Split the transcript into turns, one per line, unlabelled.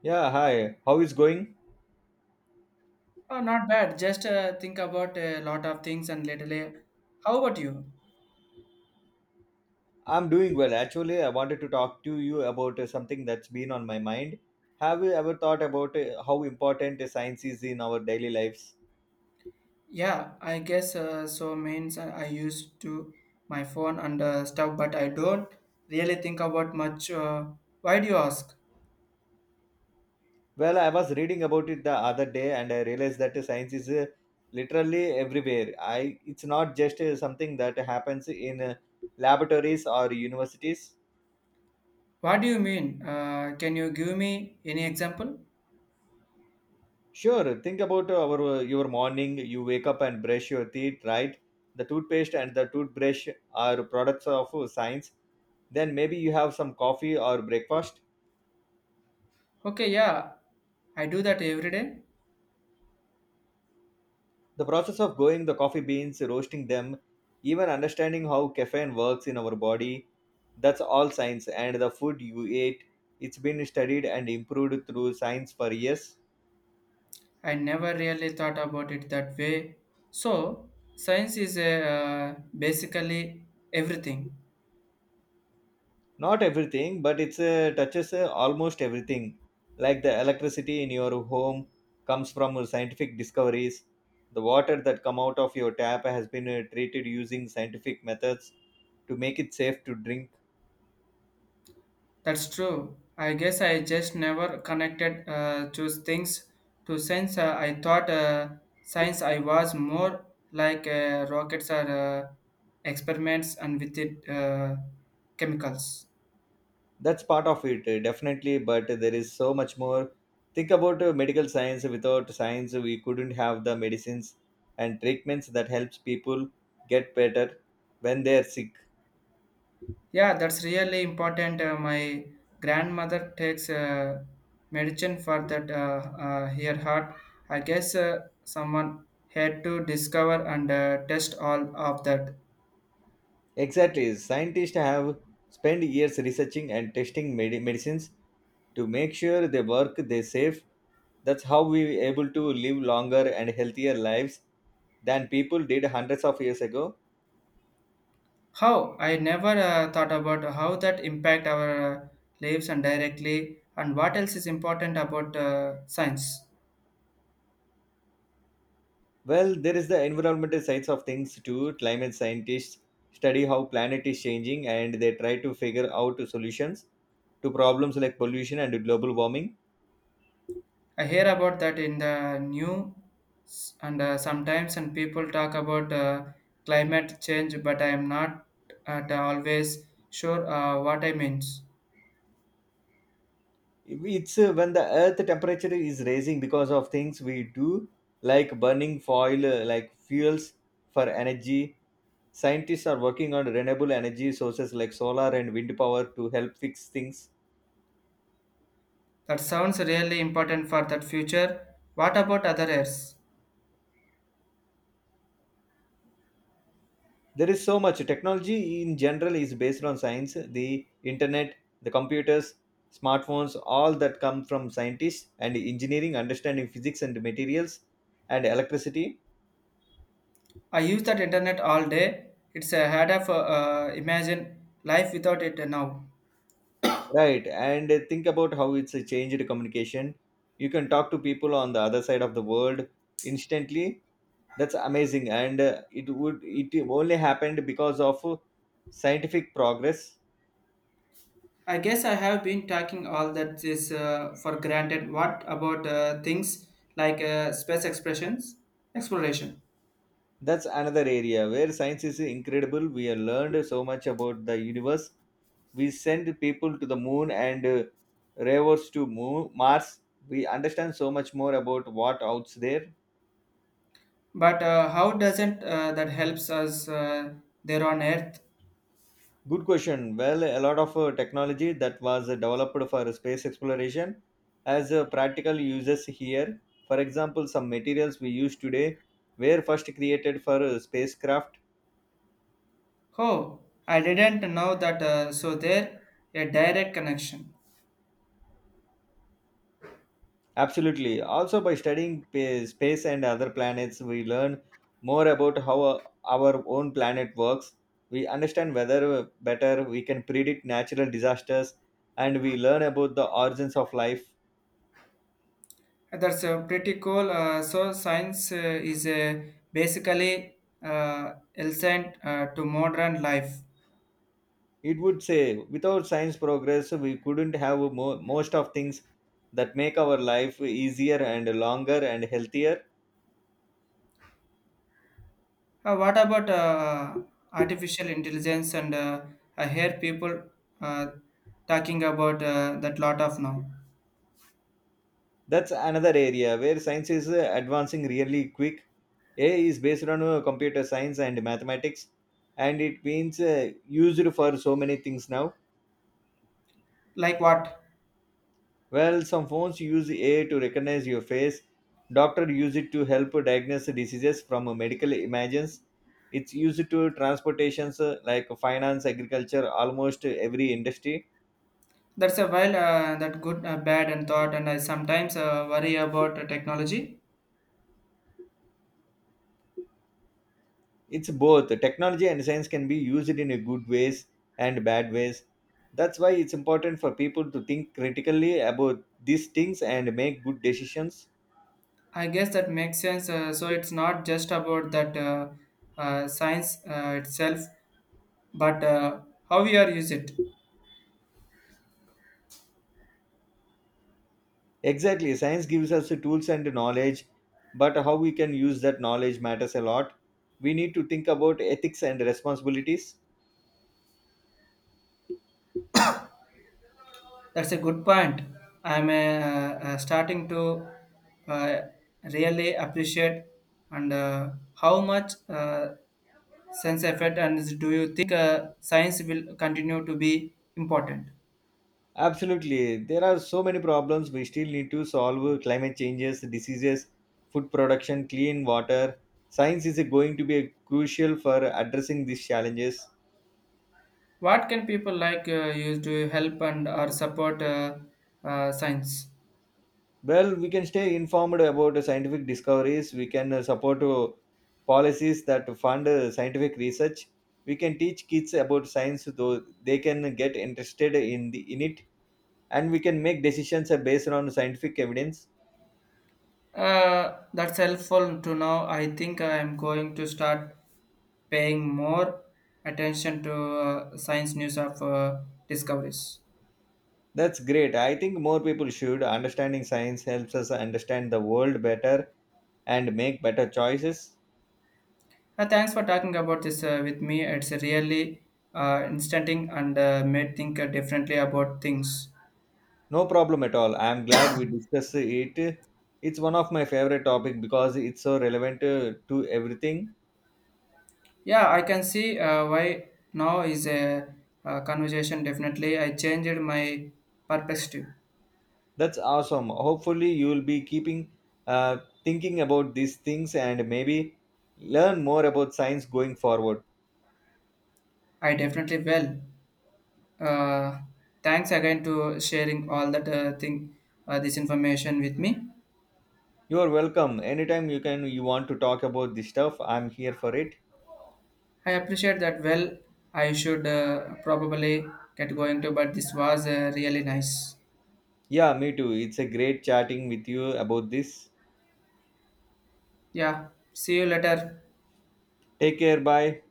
Yeah, hi. How is going?
Oh, not bad. Just think about a lot of things and lately. How about you?
I'm doing well. Actually, I wanted to talk to you about something that's been on my mind. Have you ever thought about how important science is in our daily lives?
Yeah, I guess so means I used to my phone and stuff, but I don't really think about much. Why do you ask?
Well, I was reading about it the other day and I realized that science is literally everywhere. I it's not just something that happens in laboratories or universities.
What do you mean? Can you give me any example?
Sure. Think about our your morning. You wake up and brush your teeth, right? The toothpaste and the toothbrush are products of science. Then maybe you have some coffee or breakfast.
Okay, yeah, I do that every day.
The process of going the coffee beans, roasting them, even understanding how caffeine works in our body, that's all science. And the food you ate, it's been studied and improved through science for years.
I never really thought about it that way. So, science is basically everything.
Not everything, but it's touches almost everything, like the electricity in your home comes from scientific discoveries. The water that come out of your tap has been treated using scientific methods to make it safe to drink.
That's true. I guess I just never connected those things to science. I thought science I was more like rockets or experiments and with it chemicals.
That's part of it, definitely, but there is so much more. Think about medical science. Without science we couldn't have the medicines and treatments that helps people get better when they are sick.
Yeah, that's really important. My grandmother takes medicine for that her heart. I guess someone had to discover and test all of that.
Exactly. Scientists have spent years researching and testing medicines to make sure they work, they safe. That's how we were able to live longer and healthier lives than people did hundreds of years ago.
How I never thought about how that impact our lives and directly, and what else is important about science.
Well, there is the environmental sides of things too. Climate scientists study how planet is changing and they try to figure out solutions to problems like pollution and global warming.
I hear about that in the news, and sometimes and people talk about climate change, but I am not at always sure what I means.
It's when the earth temperature is raising because of things we do, like burning foil like fuels for energy. Scientists are working on renewable energy sources like solar and wind power to help fix things.
That sounds really important for that future. What about other areas?
There is so much technology in general is based on science. The internet, the computers, smartphones, all that come from scientists and engineering understanding physics and materials and electricity.
I use that internet all day. It's a hard of imagine life without it now.
Right, and think about how it's a changed communication. You can talk to people on the other side of the world instantly. That's amazing, and it would it only happened because of scientific progress.
I guess I have been taking all that is for granted. What about things like space expressions, exploration?
That's another area where science is incredible. We have learned so much about the universe. We send people to the moon and rovers to moon, Mars. We understand so much more about what out's there.
But how doesn't that helps us there on Earth?
Good question. Well, a lot of technology that was developed for space exploration has practical uses here. For example, some materials we use today were first created for spacecraft.
Oh, I didn't know that. So there, a direct connection.
Absolutely. Also, by studying space and other planets, we learn more about how our own planet works. We understand whether better we can predict natural disasters, and we learn about the origins of life.
That's pretty cool. So science is basically essential to modern life.
It would say without science progress we couldn't have most of things that make our life easier and longer and healthier.
What about artificial intelligence and I hear people uh, talking about that lot of now.
That's another area where science is advancing really quick. A is based on computer science and mathematics, and it means used for so many things now.
Like what?
Well, some phones use AI to recognize your face. Doctor use it to help diagnose diseases from medical images. It's used to transportations like finance, agriculture, almost every industry.
That's a while that good, bad, and thought, and I sometimes worry about technology.
It's both technology and science can be used in a good ways and bad ways. That's why it's important for people to think critically about these things and make good decisions.
I guess that makes sense. So it's not just about that science itself, but how we are use it.
Exactly. Science gives us the tools and the knowledge, but how we can use that knowledge matters a lot. We need to think about ethics and responsibilities.
That's a good point. I'm starting to uh, really appreciate and how much sense effect and do you think science will continue to be important?
Absolutely. There are so many problems we still need to solve: climate changes, diseases, food production, clean water. Science is going to be crucial for addressing these challenges.
What can people like use to help and or support science?
Well, we can stay informed about the scientific discoveries. We can support policies that fund scientific research. We can teach kids about science, so they can get interested in the in it, and we can make decisions based on scientific evidence.
That's helpful to know. I think I am going to start paying more attention to science news of discoveries.
That's great. I think more people should. Understanding science helps us understand the world better and make better choices.
Thanks for talking about this with me. It's really instanting and made think differently about things.
No problem at all. I am glad we discussed it. It's one of my favorite topic because it's so relevant to everything.
Yeah, I can see why now is a, conversation. Definitely, I changed my perspective.
That's awesome. Hopefully, you will be keeping uh, thinking about these things and maybe learn more about science going forward.
I definitely will. Uh, Thanks again to sharing all that thing, this information with me.
You are welcome. Anytime you can, you want to talk about this stuff, I'm here for it.
I appreciate that. Well, I should probably get going to, but this was really nice.
Yeah, me too. It's a great chatting with you about this.
Yeah, see you later.
Take care. Bye.